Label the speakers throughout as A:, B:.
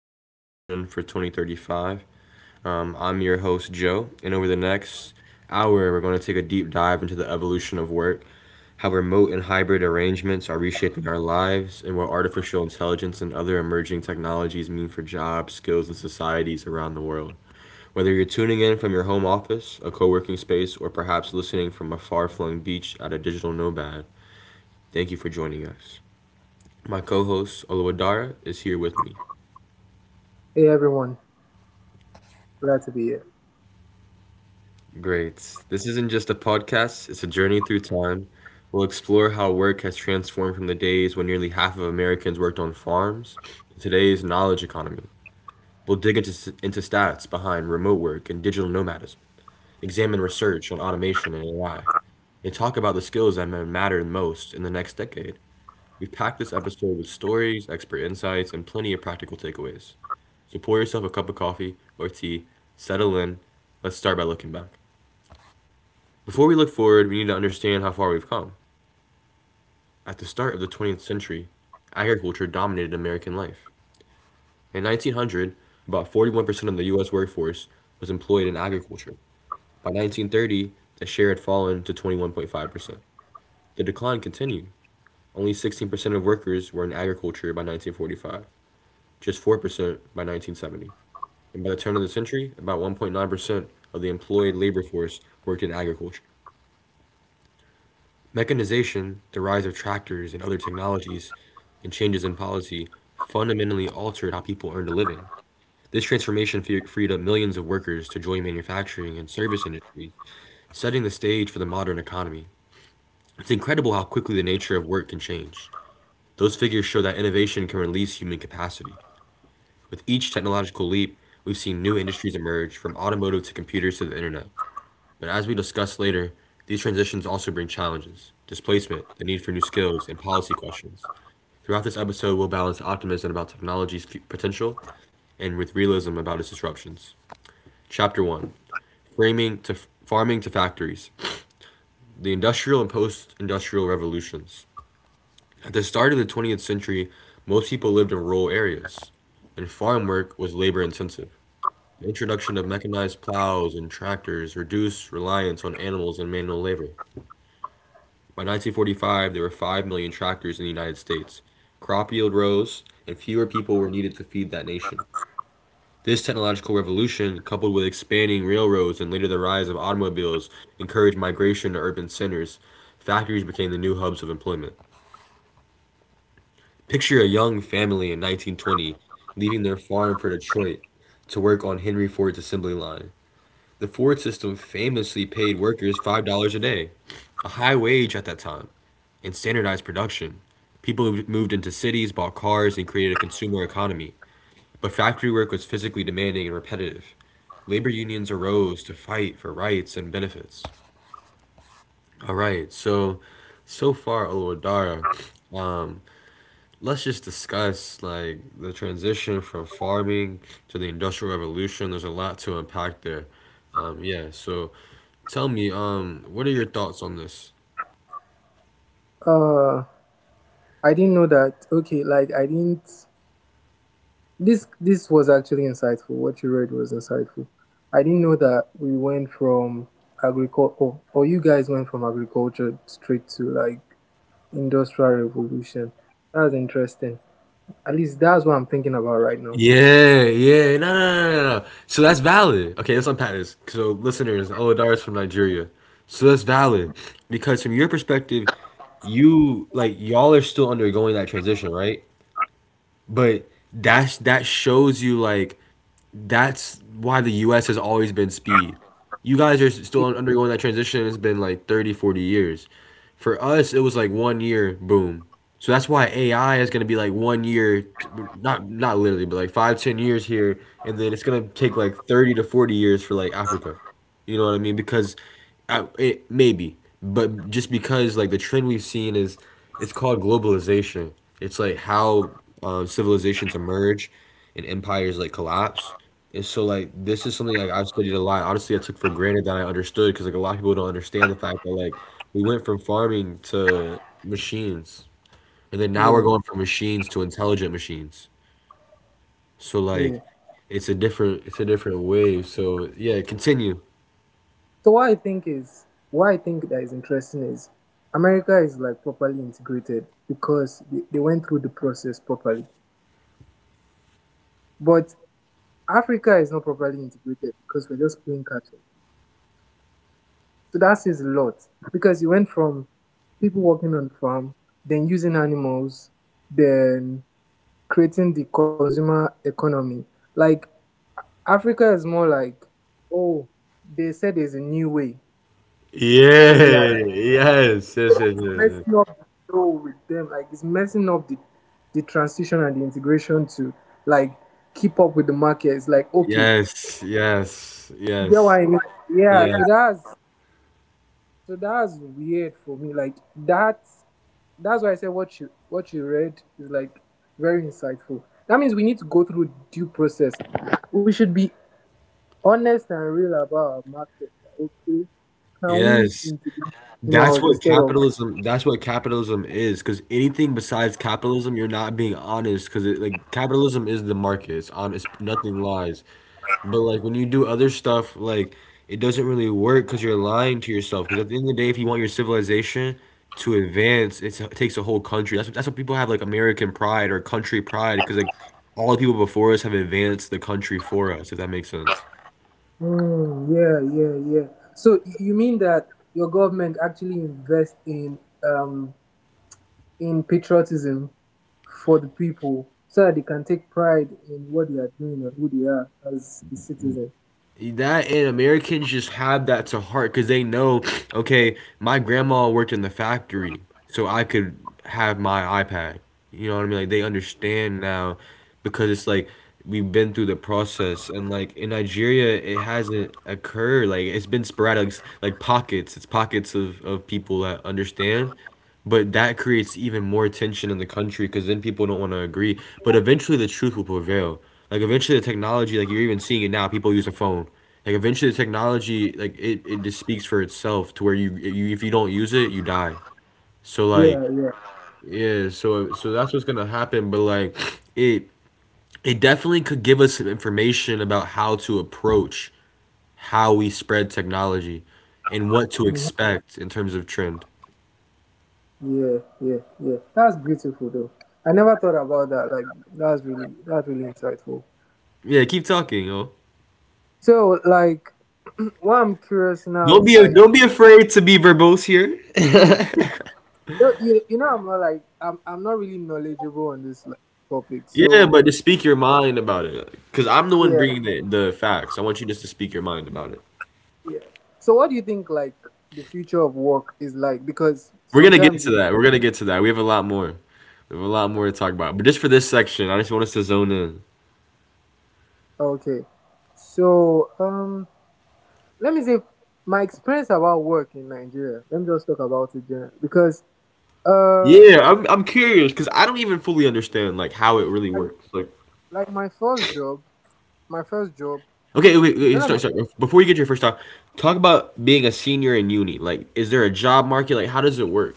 A: present, and vision for 2035. I'm your host, Joe, and over the next hour, we're going to take a deep dive into the evolution of work, how remote and hybrid arrangements are reshaping our lives, and what artificial intelligence and other emerging technologies mean for jobs, skills, and societies around the world. Whether you're tuning in from your home office, a co working space, or perhaps listening from a far flung beach at a digital nomad, thank you for joining us. My co host, Oluwadara, is here with me.
B: Hey everyone, glad to be here.
A: Great. This isn't just a podcast, it's a journey through time. We'll explore how work has transformed from the days when nearly half of Americans worked on farms to today's knowledge economy. We'll dig into stats behind remote work and digital nomadism, examine research on automation and AI, and talk about the skills that matter most in the next decade. We've packed this episode with stories, expert insights, and plenty of practical takeaways. So pour yourself a cup of coffee or tea, settle in, let's start by looking back. Before we look forward, we need to understand how far we've come. At the start of the 20th century, agriculture dominated American life. In 1900, about 41% of the U.S. workforce was employed in agriculture. By 1930, the share had fallen to 21.5%. The decline continued. Only 16% of workers were in agriculture by 1945, just 4% by 1970. And by the turn of the century, about 1.9% of the employed labor force worked in agriculture. Mechanization, the rise of tractors and other technologies, and changes in policy fundamentally altered how people earned a living. This transformation freed up millions of workers to join manufacturing and service industries, setting the stage for the modern economy. It's incredible how quickly the nature of work can change. Those figures show that innovation can release human capacity. With each technological leap, we've seen new industries emerge, from automotive to computers to the internet. But as we discuss later, these transitions also bring challenges displacement, the need for new skills, and policy questions. Throughout this episode, we'll balance optimism about technology's potential and with realism about its disruptions. Chapter 1: Framing to Farming to Factories. The Industrial and Post Industrial Revolutions. At the start of the 20th century, most people lived in rural areas, and farm work was labor intensive. The introduction of mechanized plows and tractors reduced reliance on animals and manual labor. By 1945, there were 5 million tractors in the United States. Crop yield rose, and fewer people were needed to feed that nation. This technological revolution, coupled with expanding railroads and later the rise of automobiles, encouraged migration to urban centers. Factories became the new hubs of employment. Picture a young family in 1920 leaving their farm for Detroit to work on Henry Ford's assembly line. The Ford system famously paid workers $5 a day, a high wage at that time, and standardized production. People moved into cities, bought cars, and created a consumer economy. But factory work was physically demanding and repetitive. Labor unions arose to fight for rights and benefits. All right, so so far, Olodara, um, let's just discuss like the transition from farming to the Industrial Revolution. There's a lot to unpack there. Yeah, so tell me, what are your thoughts on this?
B: Uh, I didn't know that. Okay, like, I didn't. This was actually insightful. What you read was insightful. I didn't know that we went from agriculture, or you guys went from agriculture straight to like industrial revolution. That's interesting. At least that's what I'm thinking about right now.
A: Yeah, yeah, no, no, no, no, no. So that's valid. Okay, let's unpack this. So, listeners, Olodara's from Nigeria. So that's valid because from your perspective, you like y'all are still undergoing that transition, right? But that shows you like that's why the US has always been speed. You guys are still
B: Yeah,
A: undergoing that transition. It's been like 30, 40 years. For us, it was like one year, boom. So that's why AI is going to be like one year, not literally, but like 5, 10 years here, and then it's going to take like 30 to 40 years for like Africa. You know what I mean? Because I, it, maybe, but just because like the trend we've seen is it's called globalization. It's like how civilizations emerge and empires like collapse. And so like this is something like I've studied a lot. Honestly, I took for granted that I understood because like a lot of people don't understand the fact that like we went from farming to machines, and then now we're
B: yeah,
A: going from machines to intelligent machines. So
B: yeah.
A: like it's a different wave. So yeah, continue. Yeah.
B: So what I think that is interesting is America is like properly integrated because they went through the process properly. But Africa is not properly integrated because we're just playing catch up. So that says a lot because you went from people working on the farm, then using animals, then creating the consumer economy. Like Africa is more like, oh, they said there's a new way. Then they are
A: Yes. Yes. Yes. Yes. Yes.
B: messing up the flow with them. Like it's messing up the transition and the integration to like keep up with the market. It's like, okay,
A: Yes, yes,
B: you get what
A: yes,
B: I mean? Yeah.
A: yes,
B: So that's weird for me. That. That's why I said what you read is like very insightful. That means we need to go through due process. We should be honest and real about our market. Like, okay, can we
A: yes.
B: integrate animals instead of?
A: That's what capitalism is. Because anything besides capitalism, you're not being honest. Because like capitalism is the market. It's honest. Nothing lies. But like when you do other stuff, like it doesn't really work because you're lying to yourself. Because at the end of the day, if you want your civilization to advance, it takes a whole country. That's what people have like American pride or country pride. Because like all the people before us have advanced the country for us. If that makes sense.
B: Mm, yeah, yeah, yeah. So you mean that your government actually invest um in patriotism for the people so that they can take pride in what they are doing and who they are as a citizen?
A: That and Americans just have that to heart because they know, okay, my grandma worked in the factory, so I could have my iPad. You know what I mean? Like they understand now because it's like we've been through the process and like in Nigeria it hasn't occurred. Like it's been sporadic like pockets. It's pockets of people that understand. But that creates even more tension in the country because then people don't want to agree. But eventually the truth will prevail. Like eventually the technology, like you're even seeing it now, people use a phone like eventually, the technology like it just speaks for itself to where you if you don't use it, you die. So like
B: Yeah, yeah.
A: yeah, so that's what's gonna happen. But like it it definitely could give us some information about how to approach how we spread technology and what to
B: Mhm,
A: expect in terms of trend.
B: yeah, yeah, yeah. That's beautiful though. I never thought about that. Like, that's really insightful.
A: Yeah, keep talking, yo.
B: So, like, what I'm curious now
A: Don't
B: is
A: be
B: like,
A: don't be afraid to be verbose here.
B: you know, I'm not really knowledgeable on this like topic.
A: Yeah,
B: So,
A: but just speak your mind about it, because I'm the one
B: yeah,
A: bringing the facts. I want you just to speak your mind about it.
B: yeah. So, what do you think like the future of work is like? Because
A: We're gonna get
B: sometimes
A: to
B: you be
A: that. We're gonna get to that. We have a lot more. We have a lot more to talk about. But just for this section, I just want us to zone in.
B: okay. So, let me say my experience about work in Nigeria. Let me just talk about it generally because, uh.
A: Yeah, I'm curious because I don't even fully understand like how it really works. Like,
B: like my first job, my first job.
A: okay, wait,
B: Then
A: wait,
B: I'm
A: start, start. Before you get to your first talk, talk about being a senior in uni. Like, is there a job market? Like, how does it work?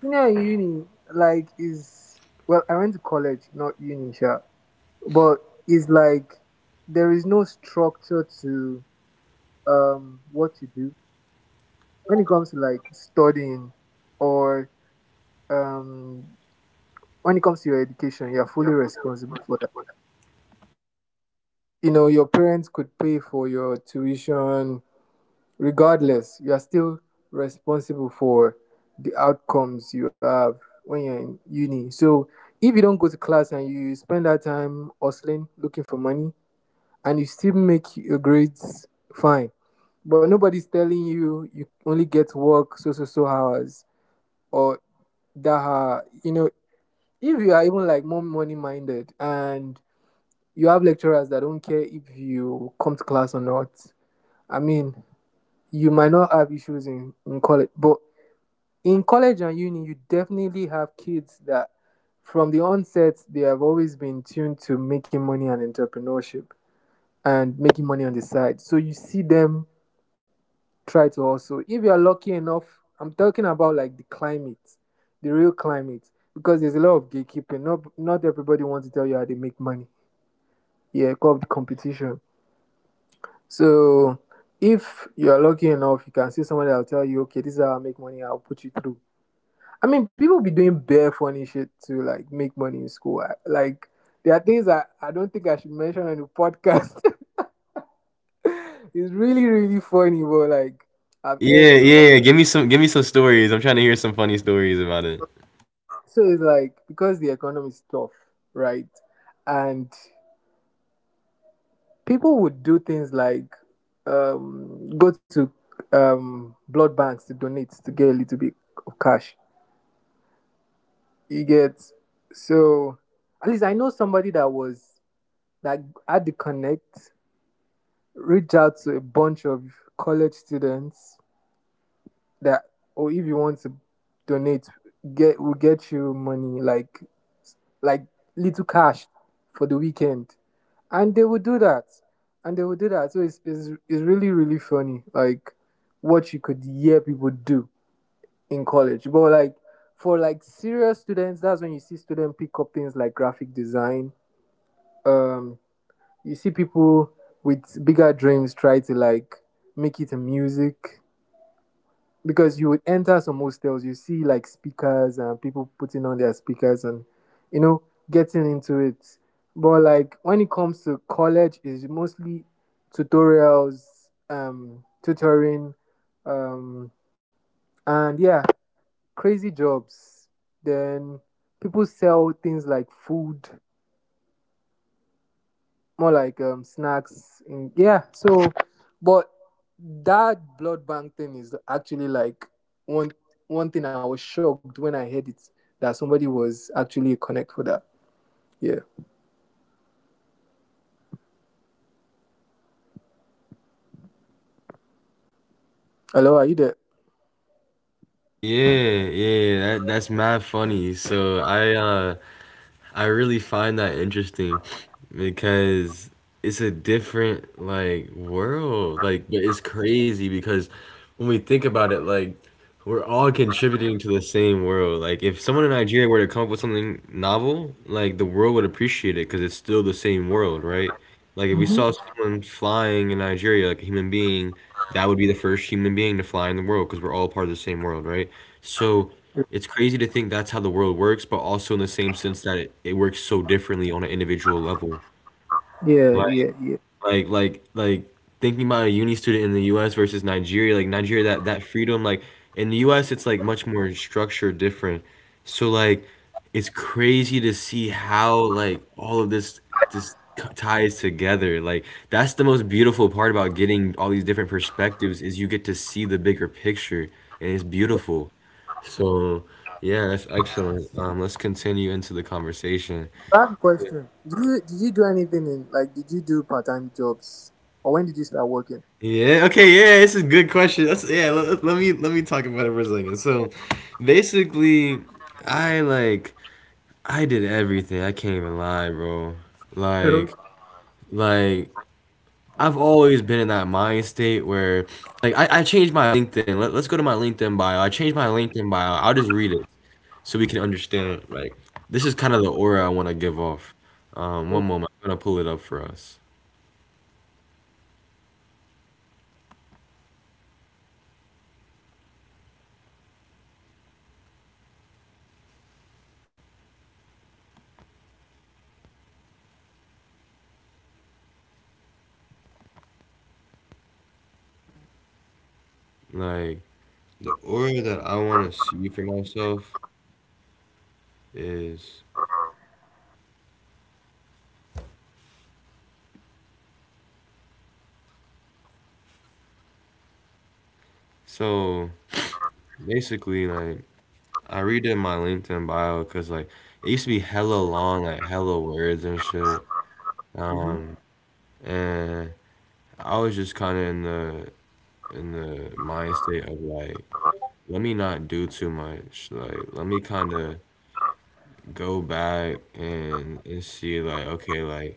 B: senior uni. Like is well, I went to college, not uni, sure, but it's like there is no structure to what you do when it comes to like studying or um when it comes to your education. You're fully responsible for that. You know, your parents could pay for your tuition, regardless, you are still responsible for the outcomes you have when you're in uni. So if you don't go to class and you spend that time hustling, looking for money, and you still make your grades fine, but nobody's telling you you only get work so so hours or that you know, if you are even like more money minded and you have lecturers that don't care if you come to class or not. I mean, you might not have issues in college, but in college and uni, you definitely have kids that from the onset they have always been tuned to making money and entrepreneurship and making money on the side. So you see them try to also, if you're lucky enough, I'm talking about like the climate, the real climate, because there's a lot of gatekeeping. Not everybody wants to tell you how they make money. Yeah, because of the competition. So if you're lucky enough, you can see somebody that'll tell you, okay, this is how I make money, I'll put you through. I mean, people be doing bare funny shit to like make money in school. Like there are things I don't think I should mention on the podcast. It's really funny, but like I've
A: Yeah,
B: heard
A: yeah,
B: about.
A: yeah. Give me some stories. I'm trying to hear some funny stories about it.
B: So it's like because the economy is tough, right? And people would do things like go to blood banks to donate to get a little bit of cash. You get, so at least I know somebody that was, that had the connect, reach out to a bunch of college students that, or if you want to donate, get, we'll get you money like little cash for the weekend and they will do that, so it's really really funny like what you could hear people do in college, but like for like serious students, that's when you see students pick up things like graphic design, um you see people with bigger dreams try to like make it in music because you would enter some hostels, you see like speakers and people putting on their speakers and, you know, getting into it. But like when it comes to college, it's mostly tutorials, tutoring, um, and yeah, crazy jobs. Then people sell things like food, more like snacks in, yeah, so, but that blood bank thing is actually like one one thing I was shocked when I heard it, that somebody was actually a connect for that. Yeah, hello, are you there?
A: Yeah, yeah. That's mad funny. So I really find that interesting because it's a different like world. Like but it's crazy because when we think about it, like we're all contributing to the same world. Like if someone in Nigeria were to come up with something novel, like the world would appreciate it because it's still the same world, right? Like if we
B: Mm-hmm,
A: saw someone flying in Nigeria, like a human being, that would be the first human being to fly in the world because we're all part of the same world, right? So it's crazy to think that's how the world works, but also in the same sense that it works so differently on an individual level.
B: yeah, yeah,
A: Like
B: yeah.
A: like thinking about a uni student in the US versus Nigeria, like Nigeria that that freedom like in the US it's like much more structured different. So like it's crazy to see how like all of ties together. Like that's the most beautiful part about getting all these different perspectives is you get to see the bigger picture and it's beautiful. So, yeah, that's excellent. Let's continue into the conversation.
B: Bad question, did you do anything in, like, did you do part-time jobs or when did you start working?
A: Yeah. Okay. Yeah. This is a good question. That's yeah. Let me talk about it for a second. So, basically, I like I did everything. I can't even lie, bro. Like like I've always been in that mind state where like I changed my LinkedIn. Let's go to my LinkedIn bio. I changed my LinkedIn bio. I'll just read it. So we can understand like this is kind of the aura I want to give off. One
B: Okay.
A: moment, I'm gonna pull it up for us. Like the aura that I want to see for myself is, so basically, like, I redid my LinkedIn bio because like it used to be hella long, like hella words and shit.
B: Mm-hmm.
A: Um, and I was just kind of in the mind state of like, let me not do too much. Like, let me kind of go back and see like, okay, like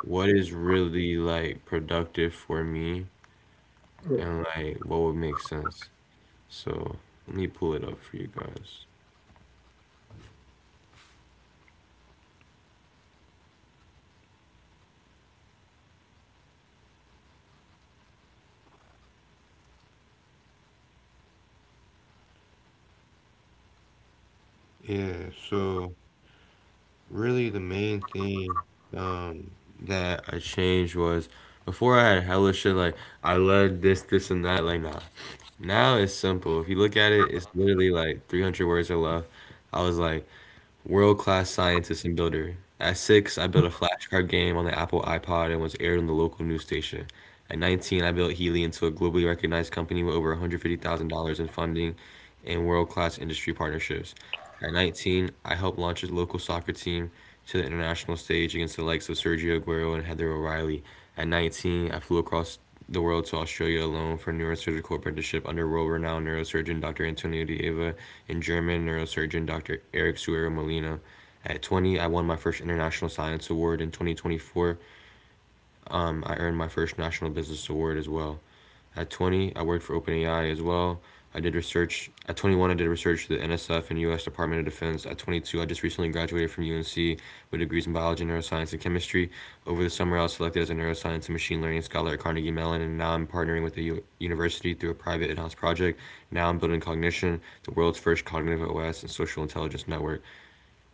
A: what is really like productive for me and like what would make sense. So let me pull it up for you guys. Yeah, so really the main thing um that I changed was, before I had hella shit like I love this and that, like, nah. Now it's simple. If you look at it, it's literally like 300 words or less. I was like, world-class scientist and builder. At six, I built a flashcard game on the Apple iPod and was aired on the local news station. At 19, I built Healy into a globally recognized company with over $150,000 in funding and world-class industry partnerships. At 19, I helped launch a local soccer team to the international stage against the likes of Sergio Aguero and Heather O'Reilly. At 19, I flew across the world to Australia alone for neurosurgical apprenticeship under world-renowned neurosurgeon Dr. Antonio Dieva and German neurosurgeon Dr. Eric Suero Molina. At 20, I won my first International Science Award. In 2024, I earned my first National Business Award as well. At 20, I worked for OpenAI as well. I did research at 21. I did research for the NSF and U.S. Department of Defense. At 22, I just recently graduated from UNC with degrees in biology, neuroscience, and chemistry. Over the summer, I was selected as a neuroscience and machine learning scholar at Carnegie Mellon, and now I'm partnering with the university through a private in-house project. Now I'm building Cognition, the world's first cognitive OS and social intelligence network.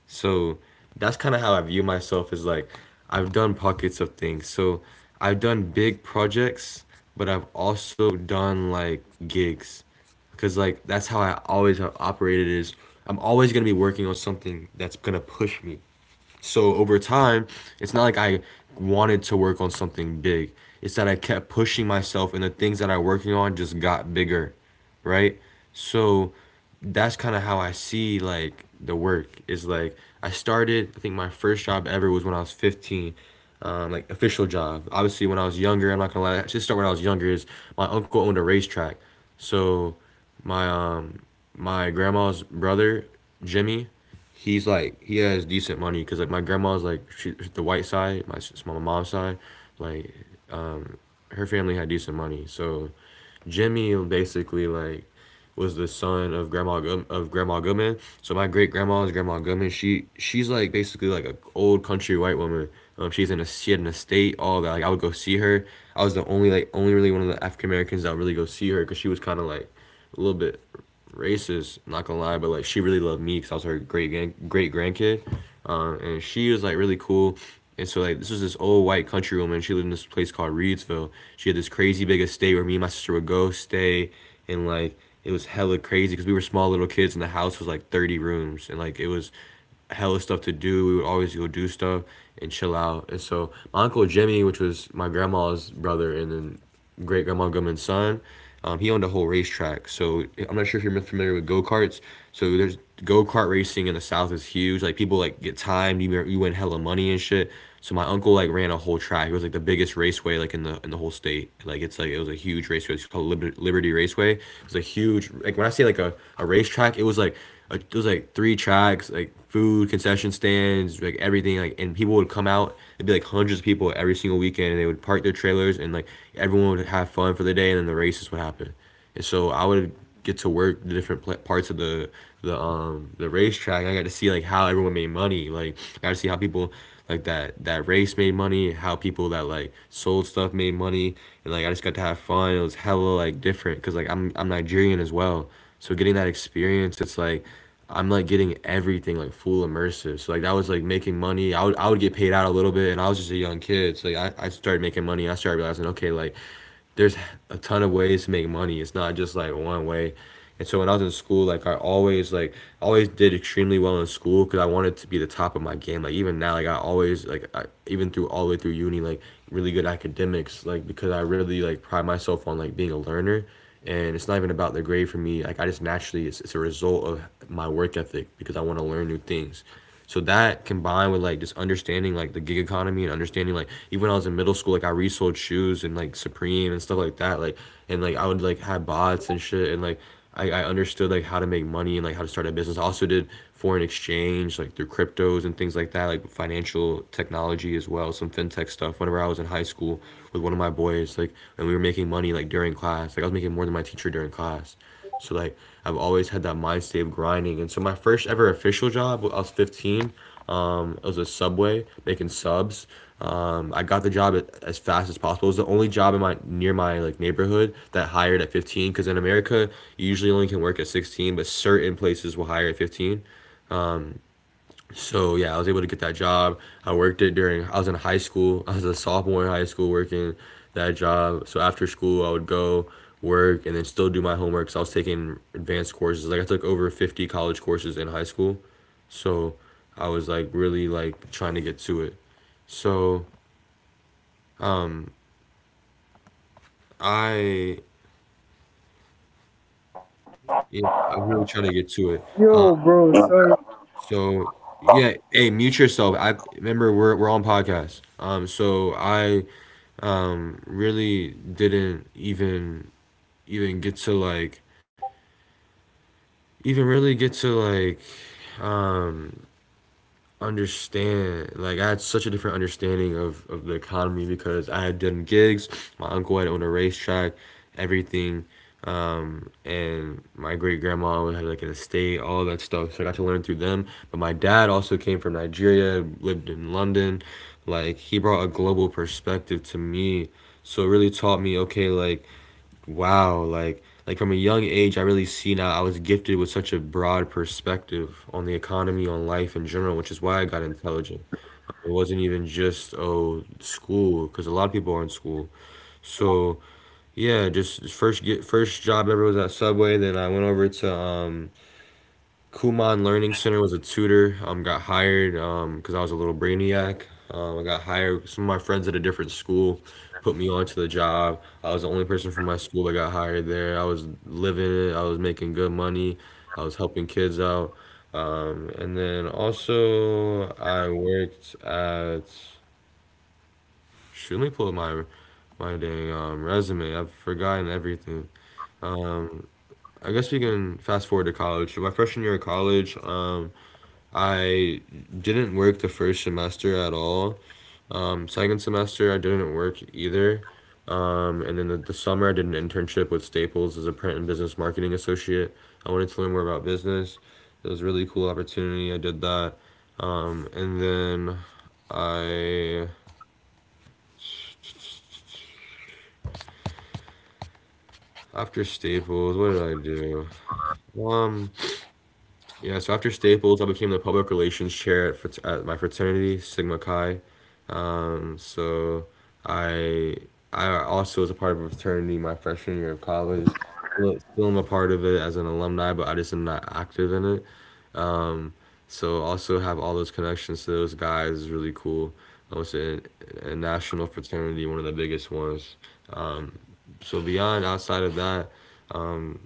A: So that's kind of how I view myself, is like I've done pockets of things. So I've done big projects, but I've also done like gigs, because like that's how I always have operated, is I'm always going to be working on something that's going to push me. So over time, it's not like I wanted to work on something big. It's that I kept pushing myself and the things that I'm working on just got bigger, right? So that's kind of how I see like the work, is like I started, I think my first job ever was when I was 15. Like official job. Obviously, when I was younger, I'm not gonna lie, I should start when I was younger. Is, my uncle owned a racetrack, so my my grandma's brother Jimmy, he's like, he has decent money because like my grandma's like, she the white side, my mom's side, like her family had decent money. So Jimmy basically like was the son of grandma Good- of grandma Goodman. So my great grandma's grandma Goodman, she's like basically like a old country white woman. She's in a, she had an estate, all that. Like I would go see her. I was the only, like, only really one of the African Americans that would really go see her, because she was kind of like a little bit racist, not gonna lie, but like she really loved me because I was her great grandkid, and she was like really cool. And so like this was this old white country woman. She lived in this place called Reedsville. She had this crazy big estate where me and my sister would go stay, and like it was hella crazy because we were small little kids and the house was like 30 rooms, and like it was hella stuff to do. We would always go do stuff and chill out. And so my uncle Jimmy, which was my grandma's brother, and then great grandma Goodman's son. He owned a whole racetrack. So I'm not sure if you're familiar with go karts. So there's go kart racing in the South, is huge. Like people like get timed. You win hella money and shit. So my uncle like ran a whole track. It was like the biggest raceway like in the whole state. Like it's like it was a huge raceway. It's called Liberty Raceway. It was a huge, like when I say like a racetrack, it was like, it was like three tracks, like food, concession stands, like everything, like, and people would come out. It'd be like hundreds of people every single weekend, and they would park their trailers, and like everyone would have fun for the day, and then the races would happen. And so I would get to work the different parts of the racetrack. And I got to see like how everyone made money. Like I got to see how people like that race made money, how people that like sold stuff made money, and like I just got to have fun. It was hella like different because like I'm Nigerian as well, so getting that experience, it's like I'm like getting everything like full immersive. So like that was like making money. I would get paid out a little bit, and I was just a young kid. So like, I started making money. I started realizing, okay, like there's a ton of ways to make money. It's not just like one way. And so when I was in school, like I always like always did extremely well in school because I wanted to be the top of my game. Like even now, like I always like I, even through all the way through uni, like really good academics. Like because I really like pride myself on like being a learner, and it's not even about the grade for me. Like I just naturally, it's a result of my work ethic because I want to learn new things. So that combined with like just understanding like the gig economy and understanding like even when I was in middle school, like I resold shoes and like Supreme and stuff like that. Like and like I would like have bots and shit and like I understood like how to make money and like how to start a business. I also did foreign exchange like through cryptos and things like that, like financial technology as well, some fintech stuff. Whenever I was in high school with one of my boys, like, and we were making money like during class. Like I was making more than my teacher during class. So like I've always had that mind state of grinding. And so my first ever official job, I was 15. It was a Subway making subs. I got the job at, as fast as possible. It was the only job in my near my like neighborhood that hired at 15 because in America you usually only can work at 16, but certain places will hire at 15. So yeah, I was able to get that job. I worked it during I was in high school. I was a sophomore in high school working that job. So after school, I would go work and then still do my homework. So I was taking advanced courses. Like I took over 50 college courses in high school. So I was like really like trying to get to it. So I, yeah, I'm really trying to
C: Yo,
A: get to
C: bro,
A: it.
C: sorry.
A: Um, so yeah, hey, mute yourself. I remember we're on podcast. So I really didn't even even get to like even really get to like um understand, like, I had such a different understanding of the economy because I had done gigs, my uncle had owned a racetrack, everything. And my great grandma had like an estate, all that stuff, so I got to learn through them. But my dad also came from Nigeria, lived in London, like he brought a global perspective to me. So it really taught me, okay, like wow, like from a young age, I really see now I was gifted with such a broad perspective on the economy, on life in general, which is why I got intelligent. It wasn't even just, oh, school, because a lot of people are in school. So yeah, just first get first job ever was at Subway. Then I went over to Kumon Learning Center, was a tutor. Got hired because I was a little brainiac. I got hired. Some of my friends at a different school put me onto the job. I was the only person from my school that got hired there. I was living it. I was making good money. I was helping kids out. And then also I worked at. Shoot, let me pull up my my dang resume. I've forgotten everything. Um, I guess we can fast forward to college. So my freshman year of college. I didn't work the first semester at all. Second semester, I didn't work either. And then the summer, I did an internship with Staples as a print and business marketing associate. I wanted to learn more about business. It was a really cool opportunity. I did that. And then I After Staples, what did I do? Um, yeah, so after Staples, I became the public relations chair at my fraternity, Sigma Chi. Um, so I I also was a part of a fraternity my freshman year of college. Still am a part of it as an alumni, but I just am not active in it. Um, so also have all those connections to those guys is really cool. I was in a national fraternity, one of the biggest ones. Um, so beyond outside of that, um,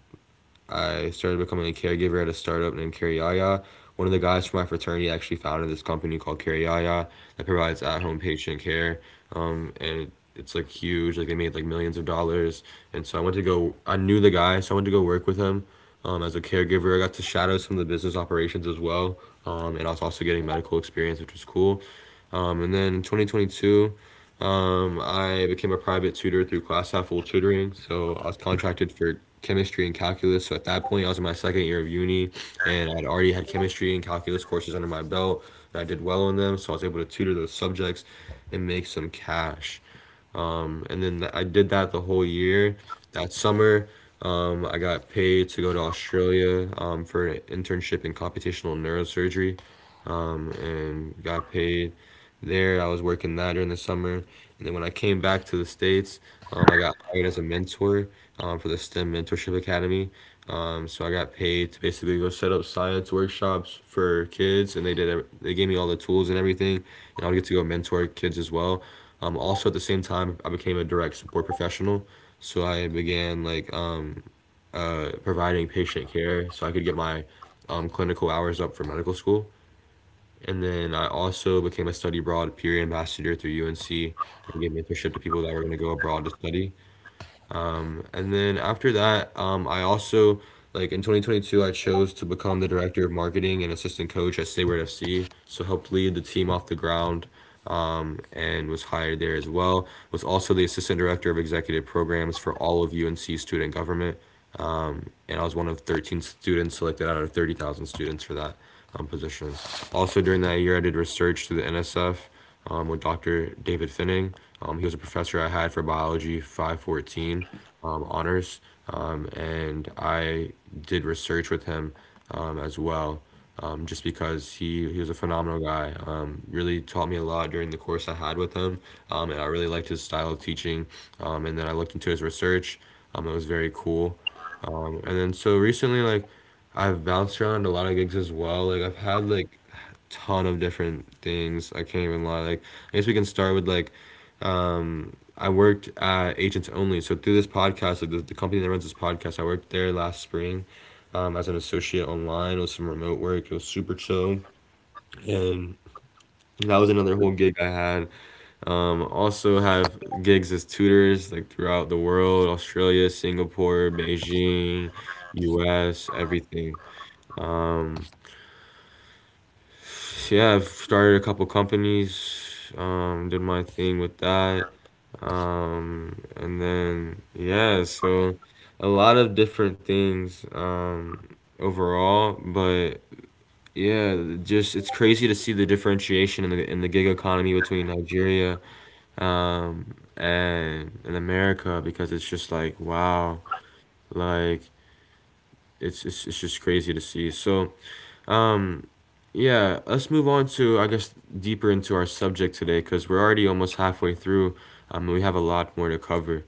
A: I started becoming a caregiver at a startup named Careyaya. One of the guys from my fraternity actually founded this company called Careyaya that provides at home patient care. And it's like huge. Like they made like millions of dollars. And so I went to go, I knew the guy, so I went to go work with him as a caregiver. I got to shadow some of the business operations as well. And I was also getting medical experience, which was cool. And then in 2022, I became a private tutor through Class Half Full Tutoring. So I was contracted for chemistry and calculus. So at that point, I was in my second year of uni, and I'd already had chemistry and calculus courses under my belt, and I did well in them. So I was able to tutor those subjects and make some cash. And then I did that the whole year. That summer, I got paid to go to Australia for an internship in computational neurosurgery and got paid there. I was working that during the summer, and then when I came back to the states, I got hired as a mentor for the STEM Mentorship Academy. So I got paid to basically go set up science workshops for kids, and they did. They gave me all the tools and everything, and I would get to go mentor kids as well. Also at the same time, I became a direct support professional. So I began providing patient care, so I could get my clinical hours up for medical school. And then I also became a study abroad peer ambassador through UNC and gave mentorship to people that were going to go abroad to study. And then after that, I also, like in 2022, I chose to become the director of marketing and assistant coach at Sayward FC. So helped lead the team off the ground and was hired there as well. Was also the assistant director of executive programs for all of UNC student government, and I was one of 13 students selected out of 30,000 students for that position. Also, during that year, I did research through the NSF with Dr. David Finning. He was a professor I had for biology 514 honors, and I did research with him as well. Just because he was a phenomenal guy, really taught me a lot during the course I had with him, and I really liked his style of teaching. And then I looked into his research, it was very cool. And then so recently, I've bounced around a lot of gigs as well. Like I've had like a ton of different things. I can't even lie. Like I guess we can start with like I worked at Agents Only. So through this podcast, like the company that runs this podcast, I worked there last spring, as an associate online with some remote work. It was super chill, and that was another whole gig I had. Also have gigs as tutors like throughout the world, Australia, Singapore, Beijing, U.S., everything. Um, yeah, I've started a couple companies, did my thing with that. Yeah, so a lot of different things overall, but yeah, just it's crazy to see the differentiation in the gig economy between Nigeria and America because it's just like wow, like it's just crazy to see. Um, Yeah, let's move on to, I guess, deeper into our subject today because we're already almost halfway through. We have a lot more to cover.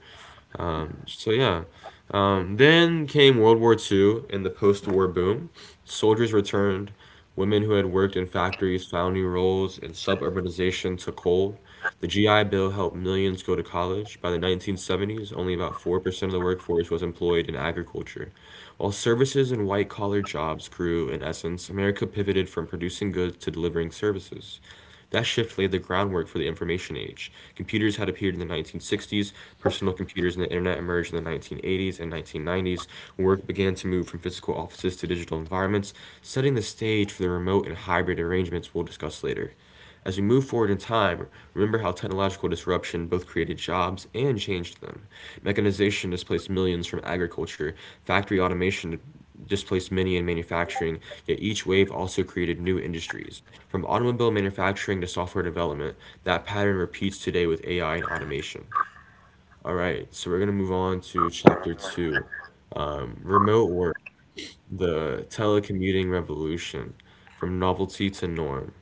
A: Um, so yeah. Then came World War Two and the post-war boom. Soldiers returned. Women who had worked in factories found new roles, and suburbanization took hold. The GI Bill helped millions go to college. By the 1970s, only about 4% of the workforce was employed in agriculture. While services and white collar jobs grew in essence, America pivoted from producing goods to delivering services. That shift laid the groundwork for the information age. Computers had appeared in the 1960s, personal computers and the internet emerged in the 1980s and 1990s. Work began to move from physical offices to digital environments, setting the stage for the remote and hybrid arrangements we'll discuss later. As we move forward in time, remember how technological disruption both created jobs and changed them. Mechanization displaced millions from agriculture, factory automation displaced many in manufacturing, yet each wave also created new industries. From automobile manufacturing to software development, that pattern repeats today with AI and automation. All right, so we're going to move on to chapter two, remote work, the telecommuting revolution from novelty to norm.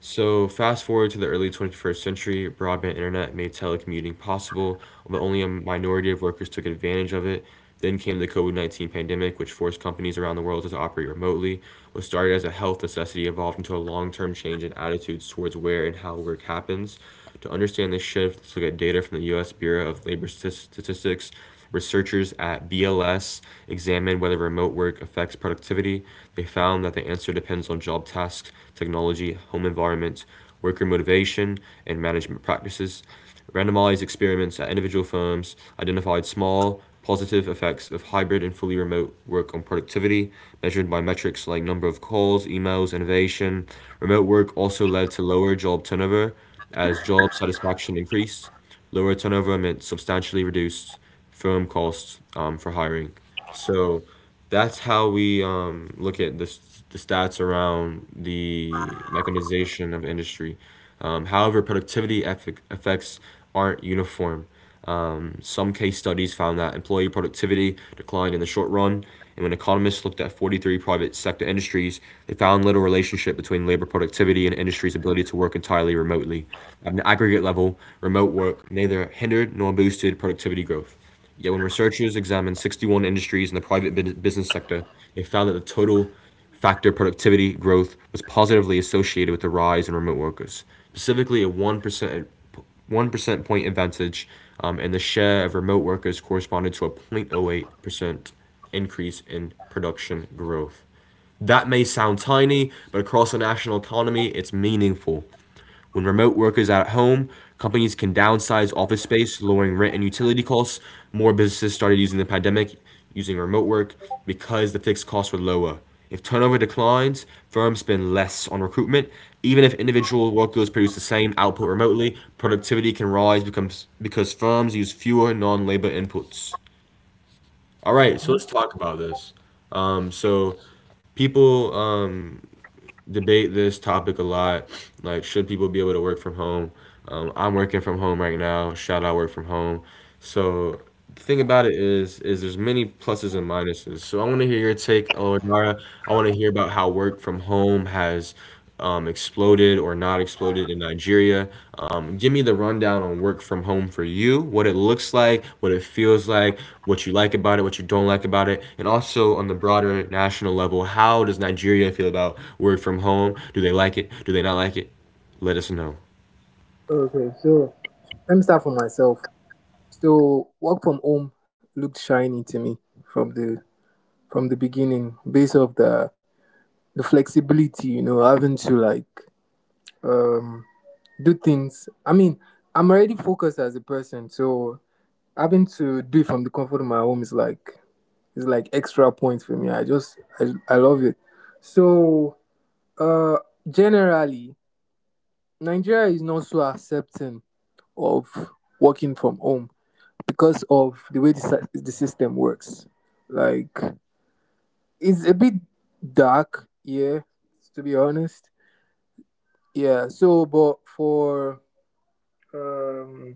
A: So fast forward to the early 21st century, broadband internet made telecommuting possible, but only a minority of workers took advantage of it. Then came the COVID-19 pandemic, which forced companies around the world to operate remotely. What started as a health necessity evolved into a long-term change in attitudes towards where and how work happens. To understand this shift, let's look at data from the U.S. Bureau of Labor Statistics. Researchers at BLS examined whether remote work affects productivity. They found that the answer depends on job tasks, technology, home environment, worker motivation, and management practices. Randomized experiments at individual firms identified small positive effects of hybrid and fully remote work on productivity, measured by metrics like number of calls, emails, innovation. Remote work also led to lower job turnover. As job satisfaction increased, lower turnover meant substantially reduced firm costs for hiring. So that's how we look at the stats around the mechanization of industry. However, productivity effects aren't uniform. Some case studies found that employee productivity declined in the short run, and when economists looked at 43 private sector industries, they found little relationship between labor productivity and industry's ability to work entirely remotely. At an aggregate level, remote work neither hindered nor boosted productivity growth. Yet when researchers examined 61 industries in the private business sector, they found that the total factor productivity growth was positively associated with the rise in remote workers. Specifically, a 1% one percent point advantage, and the share of remote workers corresponded to a zero point zero 0.08% increase in production growth. That may sound tiny, but across the national economy, it's meaningful. When remote workers are at home, companies can downsize office space, lowering rent and utility costs. More businesses started using remote work because the fixed costs were lower. If turnover declines, firms spend less on recruitment. Even if individual workers produce the same output remotely, productivity can rise because firms use fewer non labor inputs. All right, so let's talk about this. So, people debate this topic a lot. Like, should people be able to work from home? I'm working from home right now. Shout out work from home. So the thing about it is there's many pluses and minuses. So I want to hear your take, Eladara. I want to hear about how work from home has exploded or not exploded in Nigeria. Give me the rundown on work from home for you, what it looks like, what it feels like, what you like about it, what you don't like about it, and also on the broader national level, how does Nigeria feel about work from home? Do they like it? Do they not like it? Let us know.
C: Okay, so let me start for myself. So work from home looked shiny to me from the beginning, based off the flexibility, having to um do things. I mean, I'm already focused as a person, so having to do it from the comfort of my home is like extra points for me. I love it. So uh generally Nigeria is not so accepting of working from home because of the way the system works. Like, it's a bit dark, yeah, to be honest. Yeah, so, but um,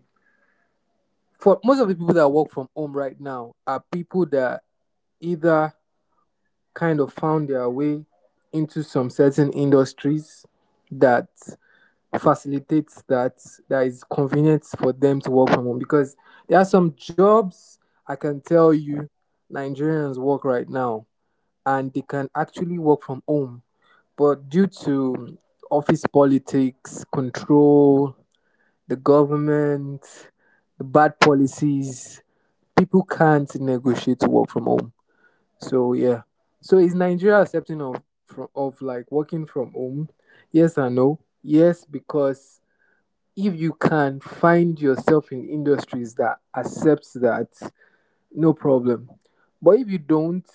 C: for most of the people that work from home right now are people that either kind of found their way into some certain industries that facilitates that is convenient for them to work from home, because there are some jobs I can tell you Nigerians work right now and they can actually work from home. But due to office politics, control, the government, the bad policies, people can't negotiate to work from home. So yeah. So is Nigeria accepting of from of like working from home? Yes and no. Yes, because if you can find yourself in industries that accepts that, no problem. But if you don't,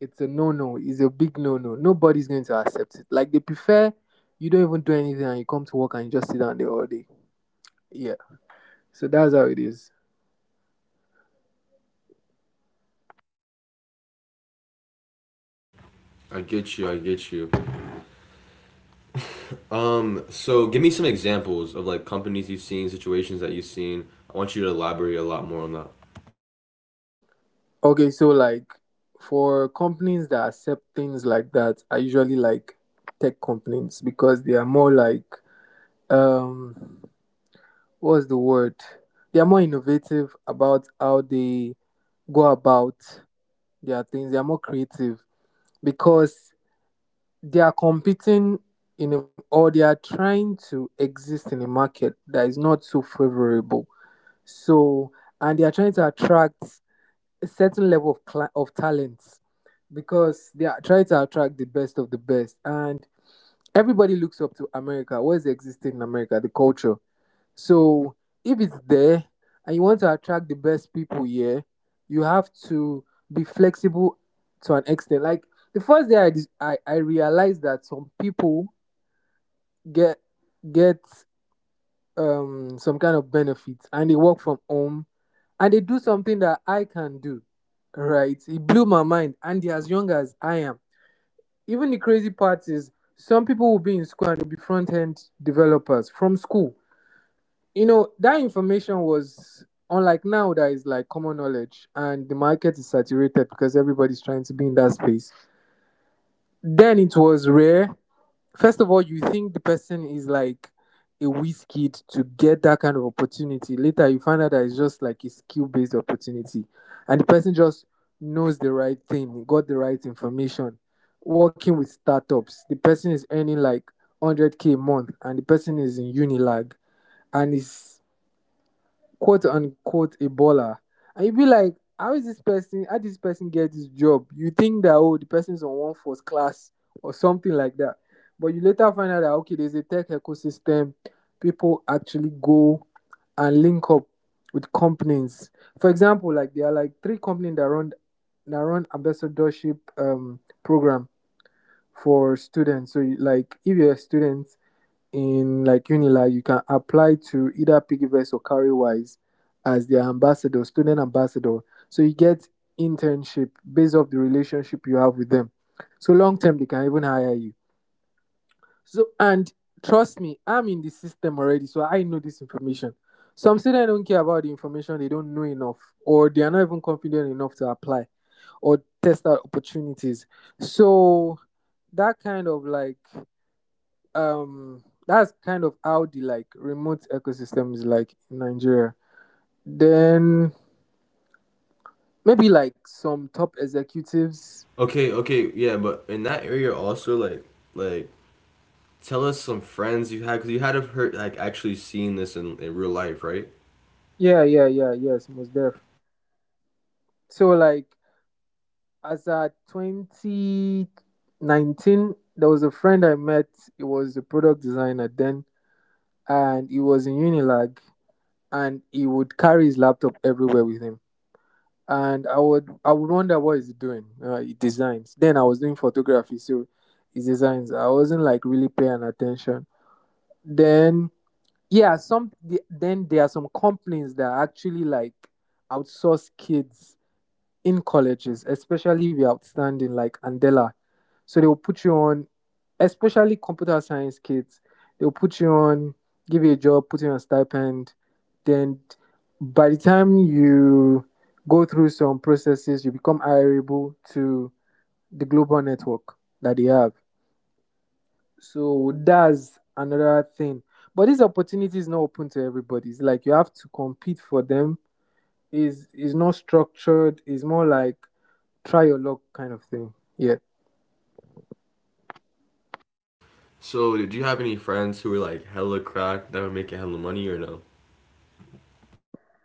C: it's a no no. It's a big no no. Nobody's going to accept it. Like they prefer you don't even do anything and you come to work and you just sit down there all day. Yeah. So that's how it is.
A: I get you. I get you. So give me some examples of like companies you've seen, situations that you've seen. I want you to elaborate a lot more on that.
C: Okay, so like for companies that accept things like that are usually like tech companies because they are more um what's the word? They are more innovative about how they go about their things. They are more creative because they are competing in a, or they are trying to exist in a market that is not so favorable, so and they are trying to attract a certain level of talents, because they are trying to attract the best of the best and everybody looks up to America, what is existing in America, the culture. So if it's there and you want to attract the best people here, you have to be flexible to an extent. Like the first day I realized that some people get get some kind of benefits and they work from home and they do something that I can do. Right? It blew my mind, and they're as young as I am. Even the crazy part is, some people will be in school and they'll be front end developers from school. You know that information was unlike now that is like common knowledge, and the market is saturated because everybody's trying to be in that space. Then it was rare. First of all, you think the person is like a whiz kid to get that kind of opportunity. Later you find out that it's just like a skill based opportunity, and the person just knows the right thing, got the right information, working with startups. The person is earning like 100K a month, and the person is in Unilag and is quote unquote Ebola." And you be like, how is this person, how did this person get this job? You think that, oh, the person is on one first class or something like that. But you later find out that, okay, there's a tech ecosystem. People actually go and link up with companies. For example, like there are like three companies that run ambassadorship program for students. So like if you're a student in like Unilag, you can apply to either Piggyverse or CarryWise as their ambassador, student ambassador. So you get internship based off the relationship you have with them. So long term, they can even hire you. So and trust me, I'm in the system already, so I know this information. Some students don't care about the information; they don't know enough, or they are not even confident enough to apply or test out opportunities. So that kind of like that's kind of how the like remote ecosystem is like in Nigeria. Then maybe like some top executives.
A: Okay, okay, yeah, but in that area also like tell us some friends you had because you had to have heard, like, actually seen this in, real life, right?
C: Yeah, yeah, yeah, yes, most def. So like as at 2019, there was a friend I met. He was a product designer then, and he was in Unilag, and he would carry his laptop everywhere with him. And I would wonder what is he doing. He designs. Then I was doing photography, so his designs, I wasn't like really paying attention. Then yeah, then there are some companies that actually like outsource kids in colleges, especially if you're outstanding, like Andela. So they will put you on, especially computer science kids, they'll put you on, give you a job, put you on a stipend. Then by the time you go through some processes, you become hireable to the global network that they have. So that's another thing. But this opportunity is not open to everybody. It's like you have to compete for them. Is not structured. It's more like try your luck kind of thing. Yeah.
A: So did you have any friends who were like hella cracked that were making hella money or no?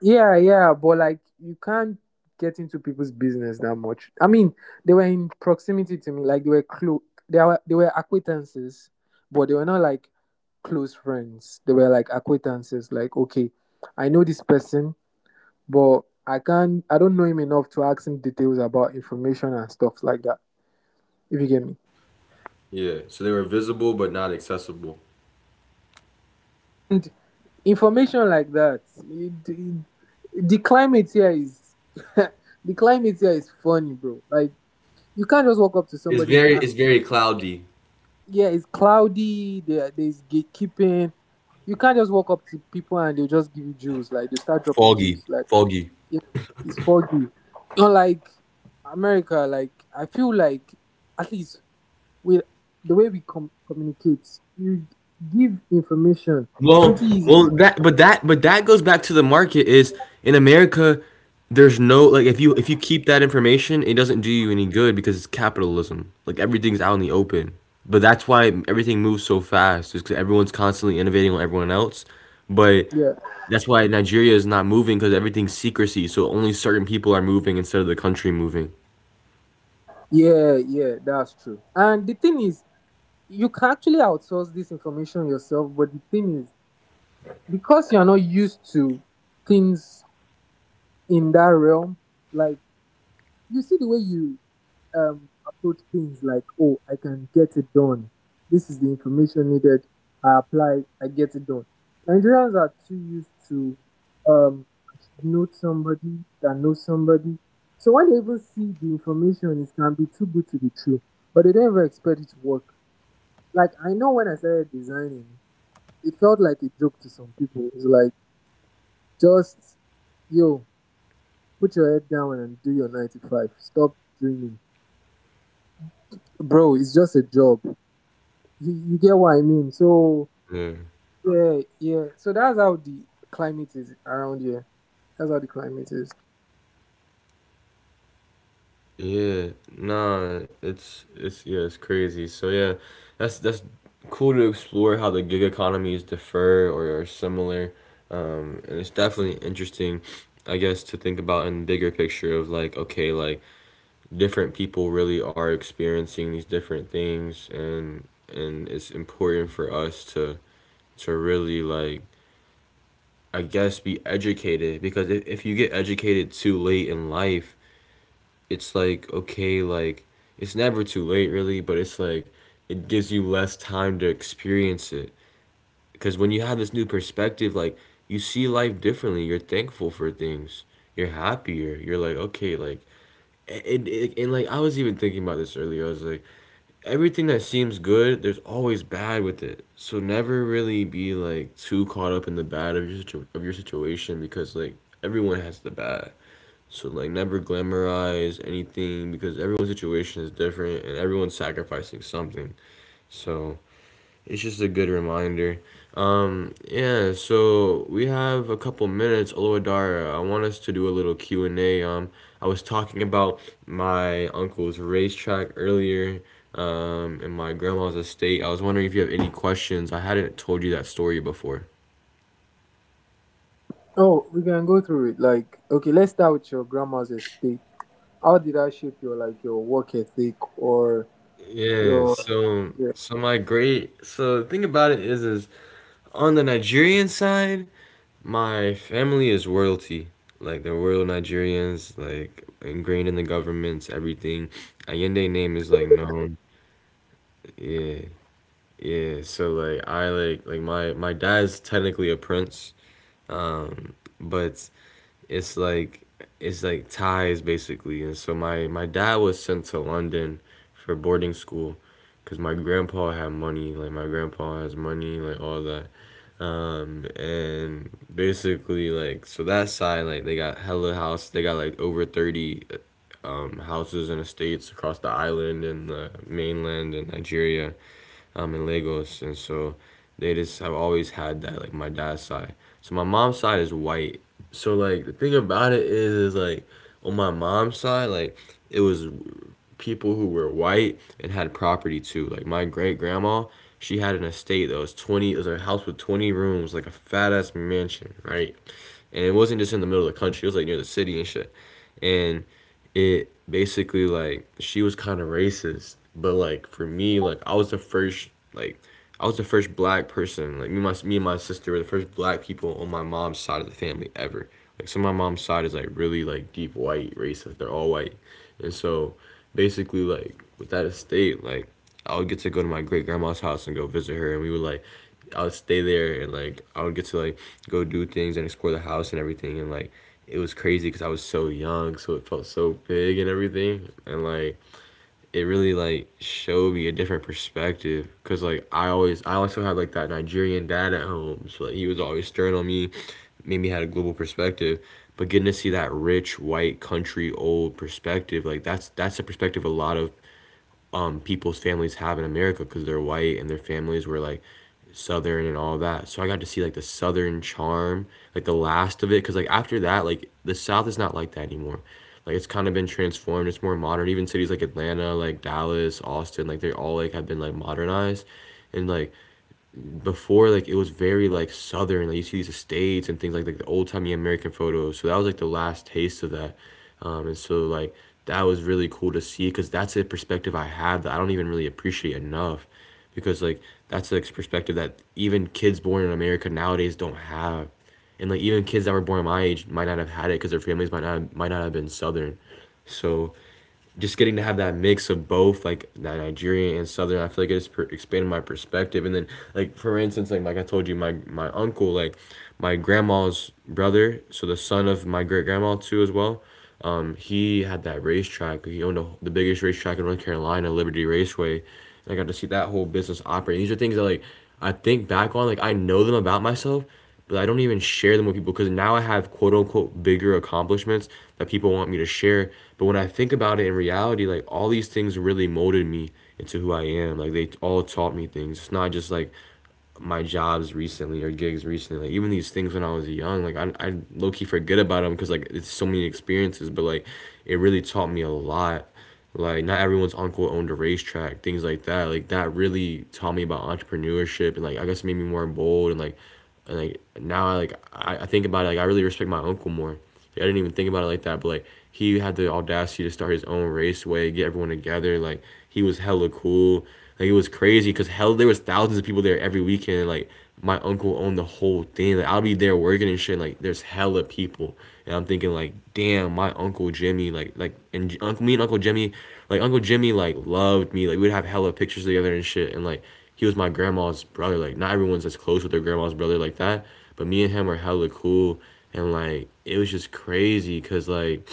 C: Yeah, yeah, but like you can't get into people's business that much. I mean, they were in proximity to me, like they were close. They were acquaintances, but they were not like close friends. They were like acquaintances. Like, okay, I know this person, but I can't. I don't know him enough to ask him details about information and stuff like that. If you get me.
A: Yeah, so they were visible but not accessible.
C: And information like that, the climate here is the climate here is funny, bro. Like, you can't just walk up to somebody and ask.
A: It's very cloudy.
C: Yeah, it's cloudy. There's gatekeeping. You can't just walk up to people and they'll just give you juice. Like they'll start dropping
A: Foggy,
C: juice. Like,
A: foggy.
C: yeah, it's foggy. Not like America. Like I feel like at least with the way we communicate, you give information
A: Well,
C: pretty easy.
A: well, that but that goes back to the market is in America. There's no like, if you keep that information, it doesn't do you any good because it's capitalism. Like, everything's out in the open, but that's why everything moves so fast. Is because everyone's constantly innovating on everyone else. But
C: Yeah,
A: that's why Nigeria is not moving, because everything's secrecy. So only certain people are moving instead of the country moving.
C: yeah, yeah. That's true. And the thing is, you can actually outsource this information yourself. But the thing is, because you're not used to things in that realm, like you see the way you approach things like, oh, I can get it done. This is the information needed. I apply, I get it done. Nigerians are too used to um I should know somebody that knows somebody. So when they even see the information, it can be too good to be true. But they don't even expect it to work. Like I know when I started designing, it felt like a joke to some people. It's like just, yo, put your head down and do your 9-to-5. Stop dreaming. Bro, it's just a job. You get what I mean? So, yeah, yeah. So that's how the climate is around here. That's how the climate is.
A: Yeah, nah, it's yeah, it's crazy. So yeah, that's cool to explore how the gig economies differ or are similar, and it's definitely interesting, I guess, to think about in bigger picture of like, okay, like different people really are experiencing these different things, and it's important for us to really like, I guess, be educated. Because if, you get educated too late in life, it's like, okay, like, it's never too late really, but it's like, it gives you less time to experience it. Because when you have this new perspective, like, you see life differently, you're thankful for things, you're happier, you're like, okay, like, and like, I was even thinking about this earlier, I was like, everything that seems good, there's always bad with it. So never really be like too caught up in the bad of your, of your situation, because like, everyone has the bad. So like, never glamorize anything, because everyone's situation is different and everyone's sacrificing something. So it's just a good reminder. Yeah, so we have a couple minutes. Oloadara, I want us to do a little Q and A. I was talking about my uncle's racetrack earlier, and my grandma's estate. I was wondering if you have any questions. I hadn't told you that story before.
C: Oh, we can go through it. Like, okay, let's start with your grandma's estate. How did that shape your work ethic, or
A: Yeah,
C: your,
A: so
C: yeah.
A: so my great so the thing about it is on the Nigerian side, my family is royalty. Like, they're royal Nigerians, like ingrained in the governments, everything. Allende name is like known. Yeah, yeah. So like I like my dad's technically a prince, um, but it's like, ties basically. And so my dad was sent to London for boarding school, 'cause my grandpa had money. Like, my grandpa has money, like all that. And basically, like, so that side, like, they got hella houses. They got like over 30, houses and estates across the island and the mainland and Nigeria, in Lagos. And so, they just have always had that. Like my dad's side. So my mom's side is white. So like, the thing about it is like, on my mom's side, like, it was people who were white and had property too. Like my great grandma, she had an estate that was 20. It was a house with 20 rooms, like a fat ass mansion, right? And it wasn't just in the middle of the country. It was like near the city and shit, and it basically like, she was kind of racist. But like, for me, like, I was the first black person. Like, me me and my sister were the first black people on my mom's side of the family ever. Like, so my mom's side is like really like deep white racist, they're all white. And so basically, like, with that estate, like, I would get to go to my great grandma's house and go visit her, and we would like, I would stay there and like, I would get to like, go do things and explore the house and everything. And like, it was crazy because I was so young, so it felt so big and everything. And like, it really like showed me a different perspective. Cause like, I also had like that Nigerian dad at home, so like, he was always stern on me, made me had a global perspective. But getting to see that rich white country old perspective, like, that's a perspective a lot of people's families have in America, because they're white and their families were like southern and all that. So I got to see like the southern charm, like the last of it, because like after that, like the South is not like that anymore. Like, it's kind of been transformed. It's more modern. Even cities like Atlanta, like Dallas, Austin, like they all like have been like modernized. And like before, like it was very like southern, like you see these estates and things like, the old timey American photos. So that was like the last taste of that. And so like, that was really cool to see, because that's a perspective I have that I don't even really appreciate enough. Because like, that's a perspective that even kids born in America nowadays don't have. And like, even kids that were born my age might not have had it, because their families might not have been southern. So just getting to have that mix of both, like that Nigerian and Southern, I feel like it has expanded my perspective. And then like, for instance, like I told you, my uncle, like my grandma's brother, so the son of my great grandma too as well. He had that racetrack. He owned a, the biggest racetrack in North Carolina, Liberty Raceway. And I got to see that whole business operate. These are things that like, I think back on, like, I know them about myself, but I don't even share them with people because now I have quote unquote bigger accomplishments that people want me to share. But when I think about it in reality, like, all these things really molded me into who I am. Like they all taught me things. It's not just like my jobs recently or gigs recently. Like, even these things when I was young, like, I low key forget about them because like, it's so many experiences. But like, it really taught me a lot. Like, not everyone's uncle owned a racetrack, things like that. Like, that really taught me about entrepreneurship. And like, I guess it made me more bold. And like, and like now I think about it, like, I really respect my uncle more. Like, I didn't even think about it like that, but like, he had the audacity to start his own raceway, get everyone together. Like, he was hella cool. Like, it was crazy because hell, there was thousands of people there every weekend. And, like, my uncle owned the whole thing. Like, I'll be there working and shit. And, like, there's hella people. And I'm thinking like, damn, my uncle Jimmy, like, and uncle me and uncle Jimmy like loved me. Like, we'd have hella pictures together and shit. And like, he was my grandma's brother. Like, not everyone's as close with their grandma's brother like that, but me and him were hella cool. And like, it was just crazy, cause like,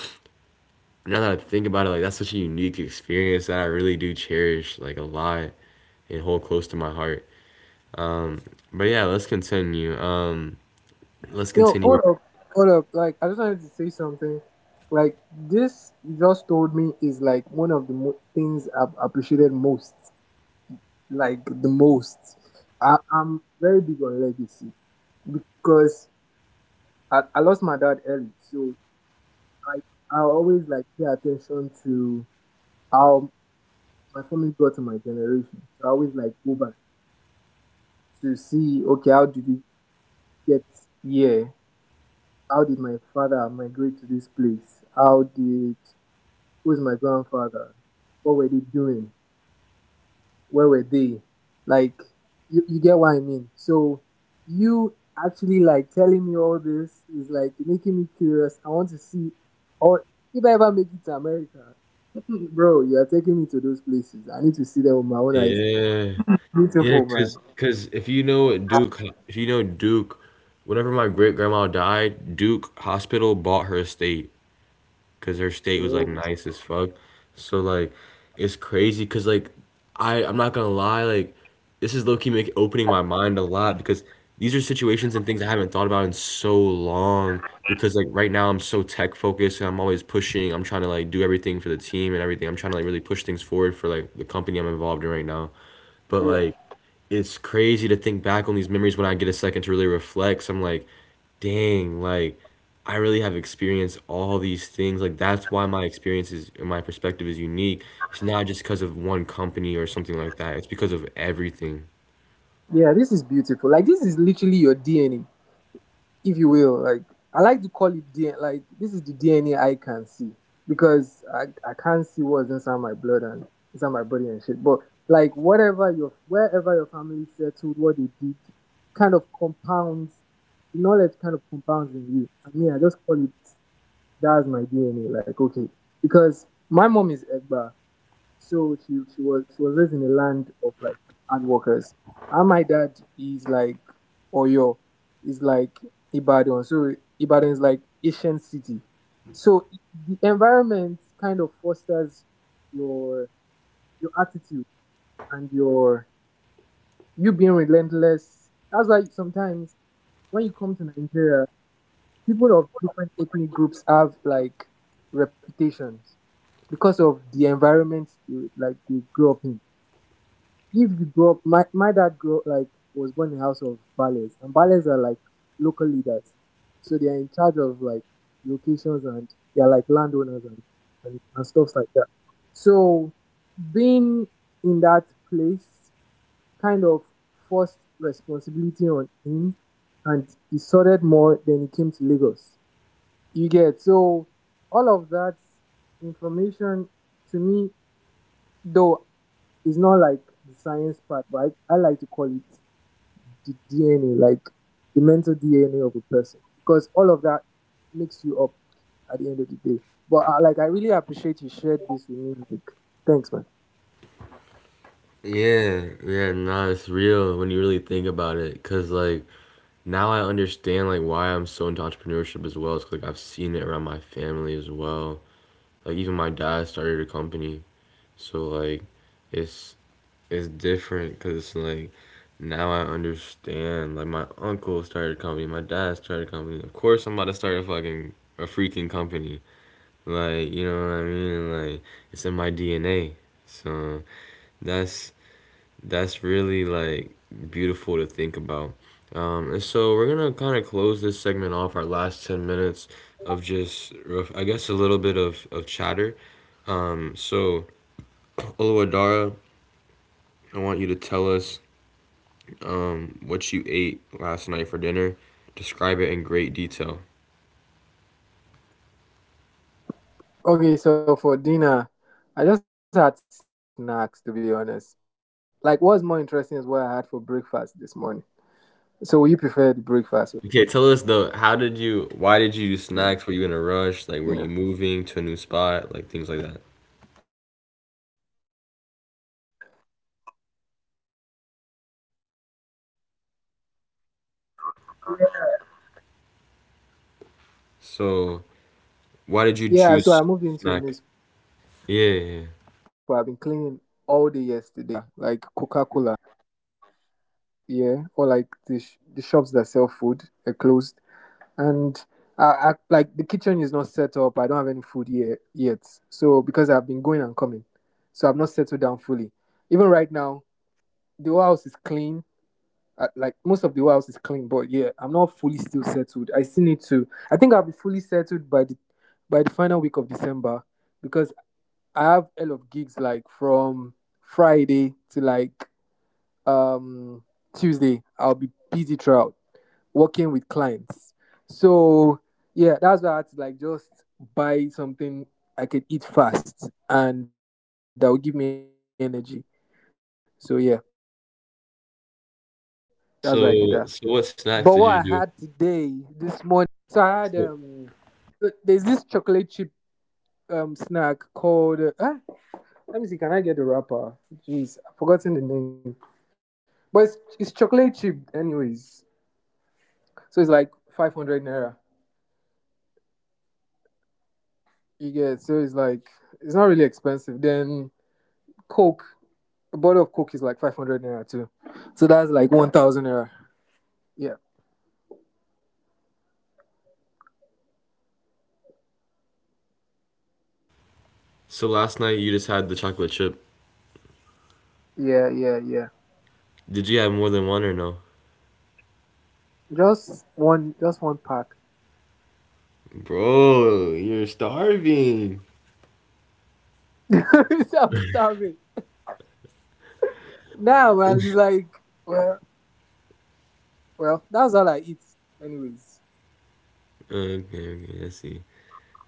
A: now that I think about it, like, that's such a unique experience that I really do cherish like a lot and hold close to my heart. But yeah, let's continue. Let's
C: No? Hold
A: continue.
C: up, hold up. Like, I just wanted to say something. Like, this you just told me is like one of the things I've appreciated most, like the most. I'm very big on legacy because I lost my dad early, so I I always like pay attention to how my family got to my generation. So I always like go back to see, okay, how did we get here? How did my father migrate to this place? How did Who's my grandfather? What were they doing? Where were they? Like, you get what I mean? So, you actually like telling me all this is like making me curious. I want to see, or if I ever make it to America, bro, you are taking me to those places. I need to see them with my own eyes.
A: Yeah. Yeah,
C: Beautiful, man.
A: 'cause if you know at Duke, if you know Duke, whenever my great grandma died, Duke Hospital bought her estate, cause her estate
C: Yeah,
A: was like nice as fuck. So like, it's crazy, cause like, I'm not gonna lie, like, this is low key make opening my mind a lot, because these are situations and things I haven't thought about in so long. Because like, right now I'm so tech focused and I'm always pushing. I'm trying to like do everything for the team and everything. I'm trying to like really push things forward for like the company I'm involved in right now. But
C: yeah,
A: like, it's crazy to think back on these memories when I get a second to really reflect. So I'm like, dang, like, I really have experienced all these things. Like, that's why my perspective is unique. It's not just because of one company or something like that. It's because of everything.
C: yeah. This is beautiful. Like, this is literally your DNA, if you will. Like I like to call it DNA. Like this is the DNA I can see because I can't see what's inside my blood and inside my body and shit. But like whatever your wherever your family settled, what they did, kind of compounds. The knowledge kind of compounds in you. I mean, I just call it, that's my DNA. Like, okay, because my mom is Egba, so she was raised in a land of like hard workers. And my dad is like Oyo, is like Ibadan. So Ibadan is like ancient city. So the environment kind of fosters your your attitude and you being relentless. That's why sometimes when you come to Nigeria, people of different ethnic groups have like reputations because of the environment you grew up in. If you grow up, my dad grew up was born in a house of ballets, and ballets are like local leaders, so they are in charge of like locations and they are like landowners and stuff like that. So being in that place kind of forced responsibility on him, and he sorted more than he came to Lagos. You get so all of that information to me, though it's not like the science part, but I like to call it the DNA, like the mental DNA of a person, because all of that makes you up at the end of the day. But I really appreciate you shared this with me. Thanks, man.
A: Yeah, yeah, nah, it's real when you really think about it. Cause like, now I understand like why I'm so into entrepreneurship as well. It's 'cause, like, I've seen it around my family as well. Like, even my dad started a company, so like, it's it's different because like, now I understand. Like, my uncle started a company, my dad started a company. Of course, I'm about to start a fucking a freaking company. Like you know what I mean? Like it's in my DNA. So that's that's really like beautiful to think about. And so we're gonna kind of close this segment off. Our last 10 minutes of just, I guess, a little bit of chatter. So Oluwadara, I want you to tell us what you ate last night for dinner. Describe it in great detail.
C: Okay, so for dinner, I just
A: Okay,
C: had
A: tell us though,
C: snacks to be honest.
A: why did
C: Like,
A: you do
C: what's more
A: snacks? Were
C: interesting
A: you in
C: is
A: a
C: what I had
A: rush?
C: for
A: Like, were you
C: breakfast this
A: moving to
C: morning.
A: a new spot? Like, things
C: So, will
A: like
C: you
A: that.
C: prefer the breakfast or the dinner?
A: So, why did you
C: Yeah, so I
A: choose
C: moved into a new
A: snack?
C: spot. I've been cleaning all day
A: Yeah, yeah, yeah.
C: yesterday. So I just got drinks. That's all I did. I got soda, like Coca-Cola, and I had like biscuits. Yeah. Oh, because most of like the restaurants are closed here, or like the the shops that sell food are closed, and I like the kitchen is not set up. I don't have any food yet. So because I've been going and coming, so I've not settled down fully. Even right now, the whole house is clean like most of the house is clean, but yeah, I'm not fully still settled. I still need to. I think I'll be fully settled by the final week of December because I have a lot of gigs like from Friday to um Tuesday. I'll be busy throughout working with clients. So yeah, that's why I had to like just buy something I could eat fast and that will give me energy. So yeah, that's why I did that.
A: So, so what
C: But
A: snacks did
C: what
A: you
C: I
A: do?
C: had today, this morning, I had my
A: So,
C: so I had so there's this chocolate chip snack called let me see, can I get the wrapper? Jeez, I've forgotten the name. But it's chocolate chip anyways. So it's like 500 naira. You get so it's like it's not really expensive. Then Coke, a bottle of Coke is like 500 naira too. So that's like 1,000 naira. Yeah.
A: so last night you just had the chocolate chip.
C: Yeah, yeah, yeah.
A: Did you have more than one or no?
C: Just one pack.
A: Bro, you're starving.
C: I'm starving. Nah, man, it's like, well, well, that's all I eat, anyways.
A: Okay, okay, I see.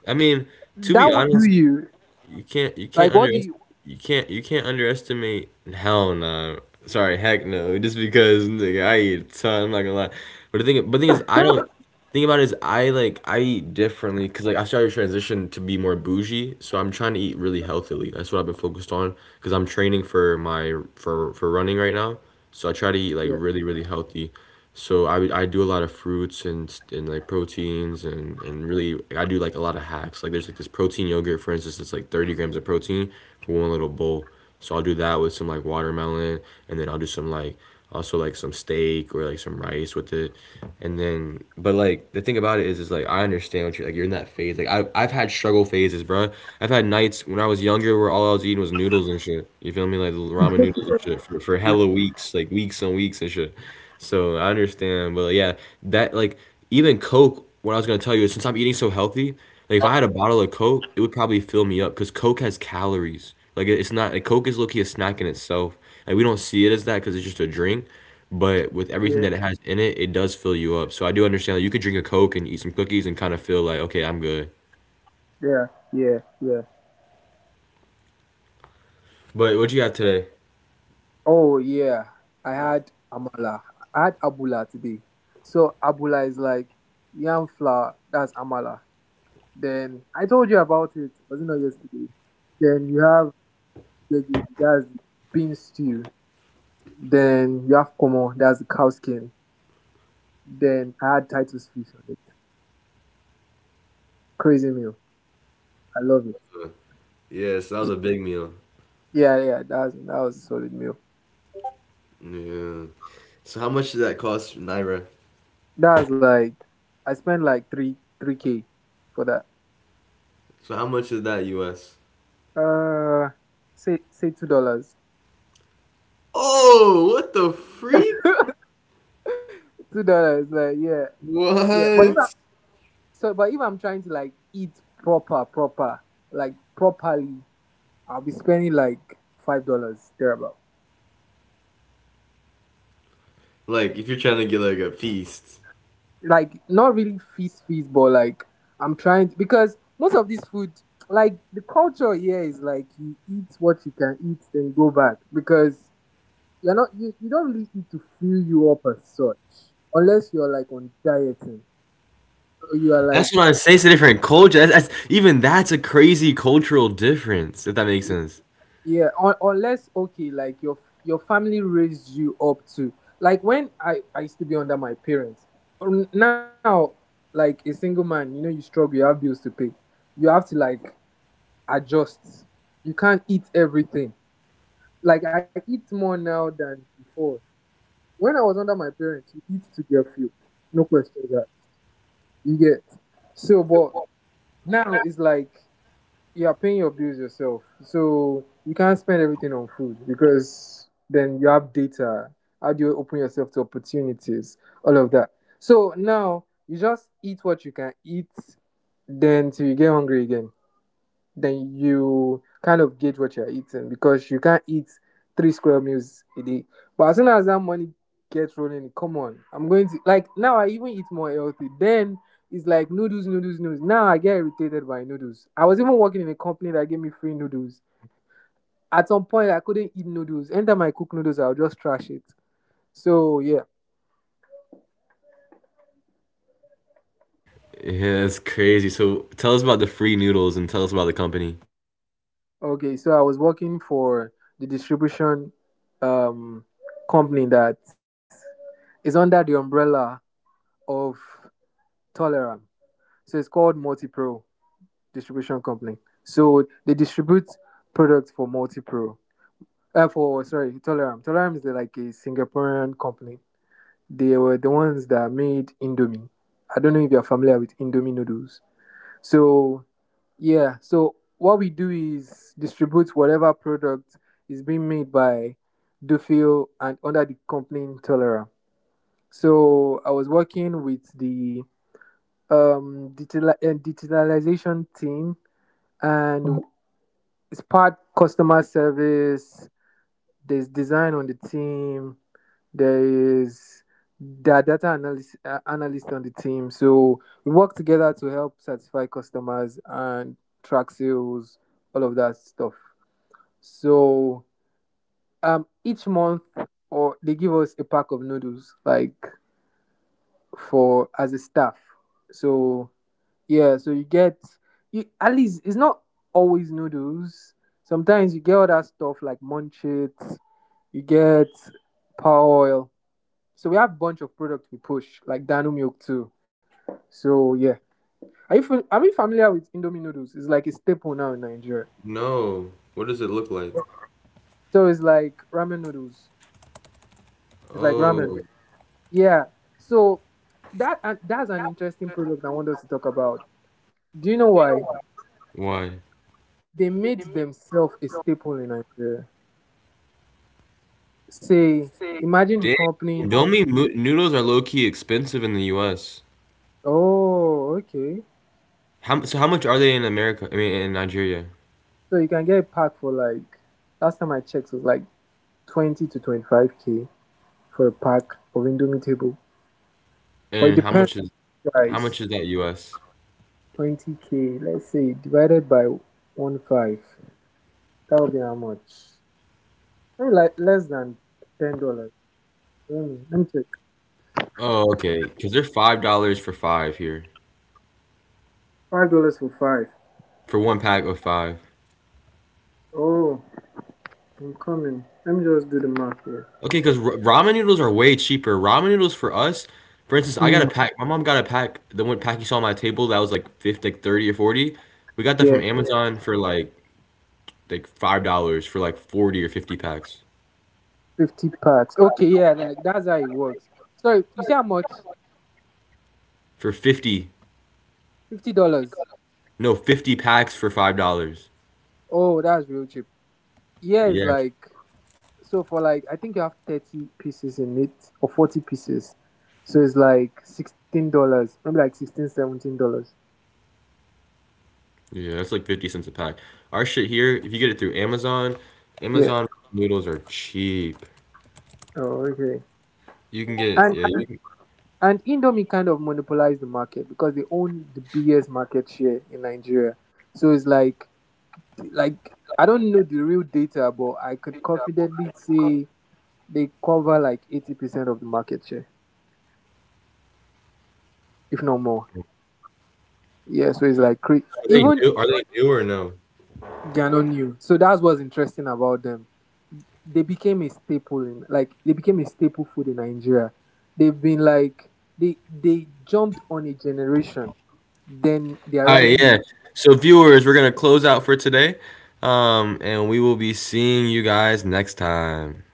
A: I mean, to be
C: That would do
A: honest,
C: you.
A: you can't you can't
C: Like, what
A: under
C: do you?
A: you can't underestimate, hell no sorry heck no, just because, nigga, I eat a ton, I'm not gonna lie, but the thing is, I don't thing about it is, I like I eat differently because like I started to transition to be more bougie. So I'm trying to eat really healthily. That's what I've been focused on because I'm training for my for running right now. So I try to eat like
C: Yeah,
A: really, really healthy. So I do a lot of fruits and and like proteins, and really I do like a lot of hacks. Like there's like this protein yogurt, for instance. It's like 30 grams of protein for one little bowl. So I'll do that with some like watermelon, and then I'll do some like also like some steak or like some rice with it. And then but like the thing about it is like I understand what you're like. You're in that phase, like I've had struggle phases, bro. I've had nights when I was younger where all I was eating was noodles and shit. You feel me? Like ramen noodles and shit, for hella weeks, like weeks and weeks and shit. So I understand, but yeah, that like, even Coke, what I was going to tell you is, since I'm eating so healthy, like if I had a bottle of Coke, it would probably fill me up, because Coke has calories. Like it's not like Coke is low-key a snack in itself. Like we don't see it as that because it's just a drink, but with
C: yeah,
A: everything that it has in it, it does fill you up. So I do understand that you could drink a Coke and eat some cookies and kind of feel like, okay, I'm good.
C: yeah, yeah, yeah.
A: But what you got today?
C: Oh yeah, I had amala. I had abula today. So abula is like yam flour. That's amala. Then I told you about it. Was it not yesterday? Then you have gbegiri. That's bean stew. Then you have komo. That's the cow skin. Then I had Titus fish on it. Crazy meal. I love it.
A: Yes, that was
C: It-
A: a big meal.
C: Yeah, yeah, that was a solid meal.
A: Yeah. So how much did that cost naira?
C: That was like I spent like three K for that.
A: So how much is that US?
C: Uh say $2.
A: Oh, what the freak?
C: $2, like yeah. Yeah. But if
A: What?
C: I so but if I'm trying to like eat properly, I'll be spending like $5 thereabout.
A: Like if you're trying to get like a feast.
C: Like not really feast but like I'm trying because most of this food, like the culture here is like you eat what you can eat then you go back because you're not you, you don't really eat to fill you up as such, unless you're like on dieting or you are
A: That's
C: like
A: what I say. It's a different culture. That's a crazy cultural difference. If that makes sense.
C: unless, okay, like your family raised you up to, like when I used to be under my parents. Now, like a single man, you know, you struggle, you have bills to pay, you have to like adjust. You can't eat everything. Like I eat more now than before. When I was under my parents, you eat to get fuel. No questions asked. You get so, but now it's like you are paying your bills yourself, so you can't spend everything on food because then you have data. How do you open yourself to opportunities? All of that. So now you just eat what you can eat, then till you get hungry again. Then you kind of gauge what you're eating because you can't eat three square meals a day. But as soon as that money gets rolling, come on, I'm going to like now. I even eat more healthy. Then it's like noodles. Now I get irritated by noodles. I was even working in a company that gave me free noodles. At some point, I couldn't eat noodles. Anytime I cook noodles, I'll just trash it. So yeah,
A: Yeah, that's crazy. So tell us about the free noodles and tell us about the company.
C: okay. So I was working for the distribution um company that is under the umbrella of Toleram. So it's called Multipro Distribution Company. So they distribute products for Multipro. Toleram. Toleram is like a Singaporean company. They were the ones that made Indomie. I don't know if you're familiar with Indomie noodles. So yeah, so what we do is distribute whatever product is being made by Dufil and under the company Toleram. So I was working with the digital and digitalization team and it's part customer service, there's design on the team, there is there are data analyst, analyst on the team, so we work together to help satisfy customers and track sales, all of that stuff. So each month or they give us a pack of noodles like for as a staff. So yeah, so you get, you at least, it's not always noodles. Sometimes you get other stuff like munchets, you get power oil. So we have a bunch of products we push, like Dano milk too. So yeah. Are you familiar with Indomie noodles? It's like a staple now in Nigeria.
A: No. What does it look like?
C: So it's like ramen noodles. It's like ramen.
A: Oh.
C: Yeah. So that, and that's an interesting product I want us to talk about. Do you know why?
A: Why?
C: They made
A: They make
C: themselves a
A: from.
C: staple in Nigeria. Say, imagine a
A: Dang.
C: company.
A: Indomie noodles are low key expensive in the U.S.
C: Oh, okay.
A: How so? How much are they in America? I mean, in Nigeria,
C: So you can get a pack for like, last time I checked it was like 20 to 25 k for a pack of Indomie table. But it
A: and how
C: depends,
A: much is how
C: guys.
A: much is that U.S.?
C: 20 k, let's say, divided by 1.5. That would be how much? Maybe like less than $10. Let me check.
A: Oh, okay, because they're $5 for five here
C: $5 for five.
A: for one pack of five.
C: Oh, I'm coming. Let me just do the math here.
A: Okay, because ramen noodles are way cheaper. Ramen noodles for us, for instance, I got a
C: Hmm.
A: pack. My mom got a pack. The one pack you saw on my table that was like fifth, like 30 or 40. We got that from
C: Yeah,
A: Amazon for like $5 for like 40 or 50 packs.
C: 50 parts. Okay, yeah, like that's how it works. Sorry, you say how much?
A: For 50,
C: $50.
A: no, 50 packs for $5.
C: Oh, that's real cheap. Yeah, it's
A: Yeah,
C: like, so for like, I think you have 30 pieces in it or 40 pieces. So it's like $16, maybe like $16-17.
A: yeah, that's like 50 cents a pack. Our shit here, if you get it through Amazon,
C: Yeah.
A: Amazon noodles are cheap.
C: Oh, okay.
A: You can get.
C: And
A: Yeah, you can,
C: and Indomie kind of monopolized the market because they own the biggest market share in Nigeria. So it's like I don't know the real data, but I could confidently say they cover like 80% of the market share, if not more. Yeah, so it's like cra-
A: are they
C: even,
A: new? Are they new or no?
C: they're not new. So that's what's interesting about them. They became a staple in like, they became a staple food in Nigeria. They've been like, they jumped on a generation, then they are
A: All right,
C: riding the
A: yeah. So viewers, we're gonna close out for today, and we will be seeing you guys next time.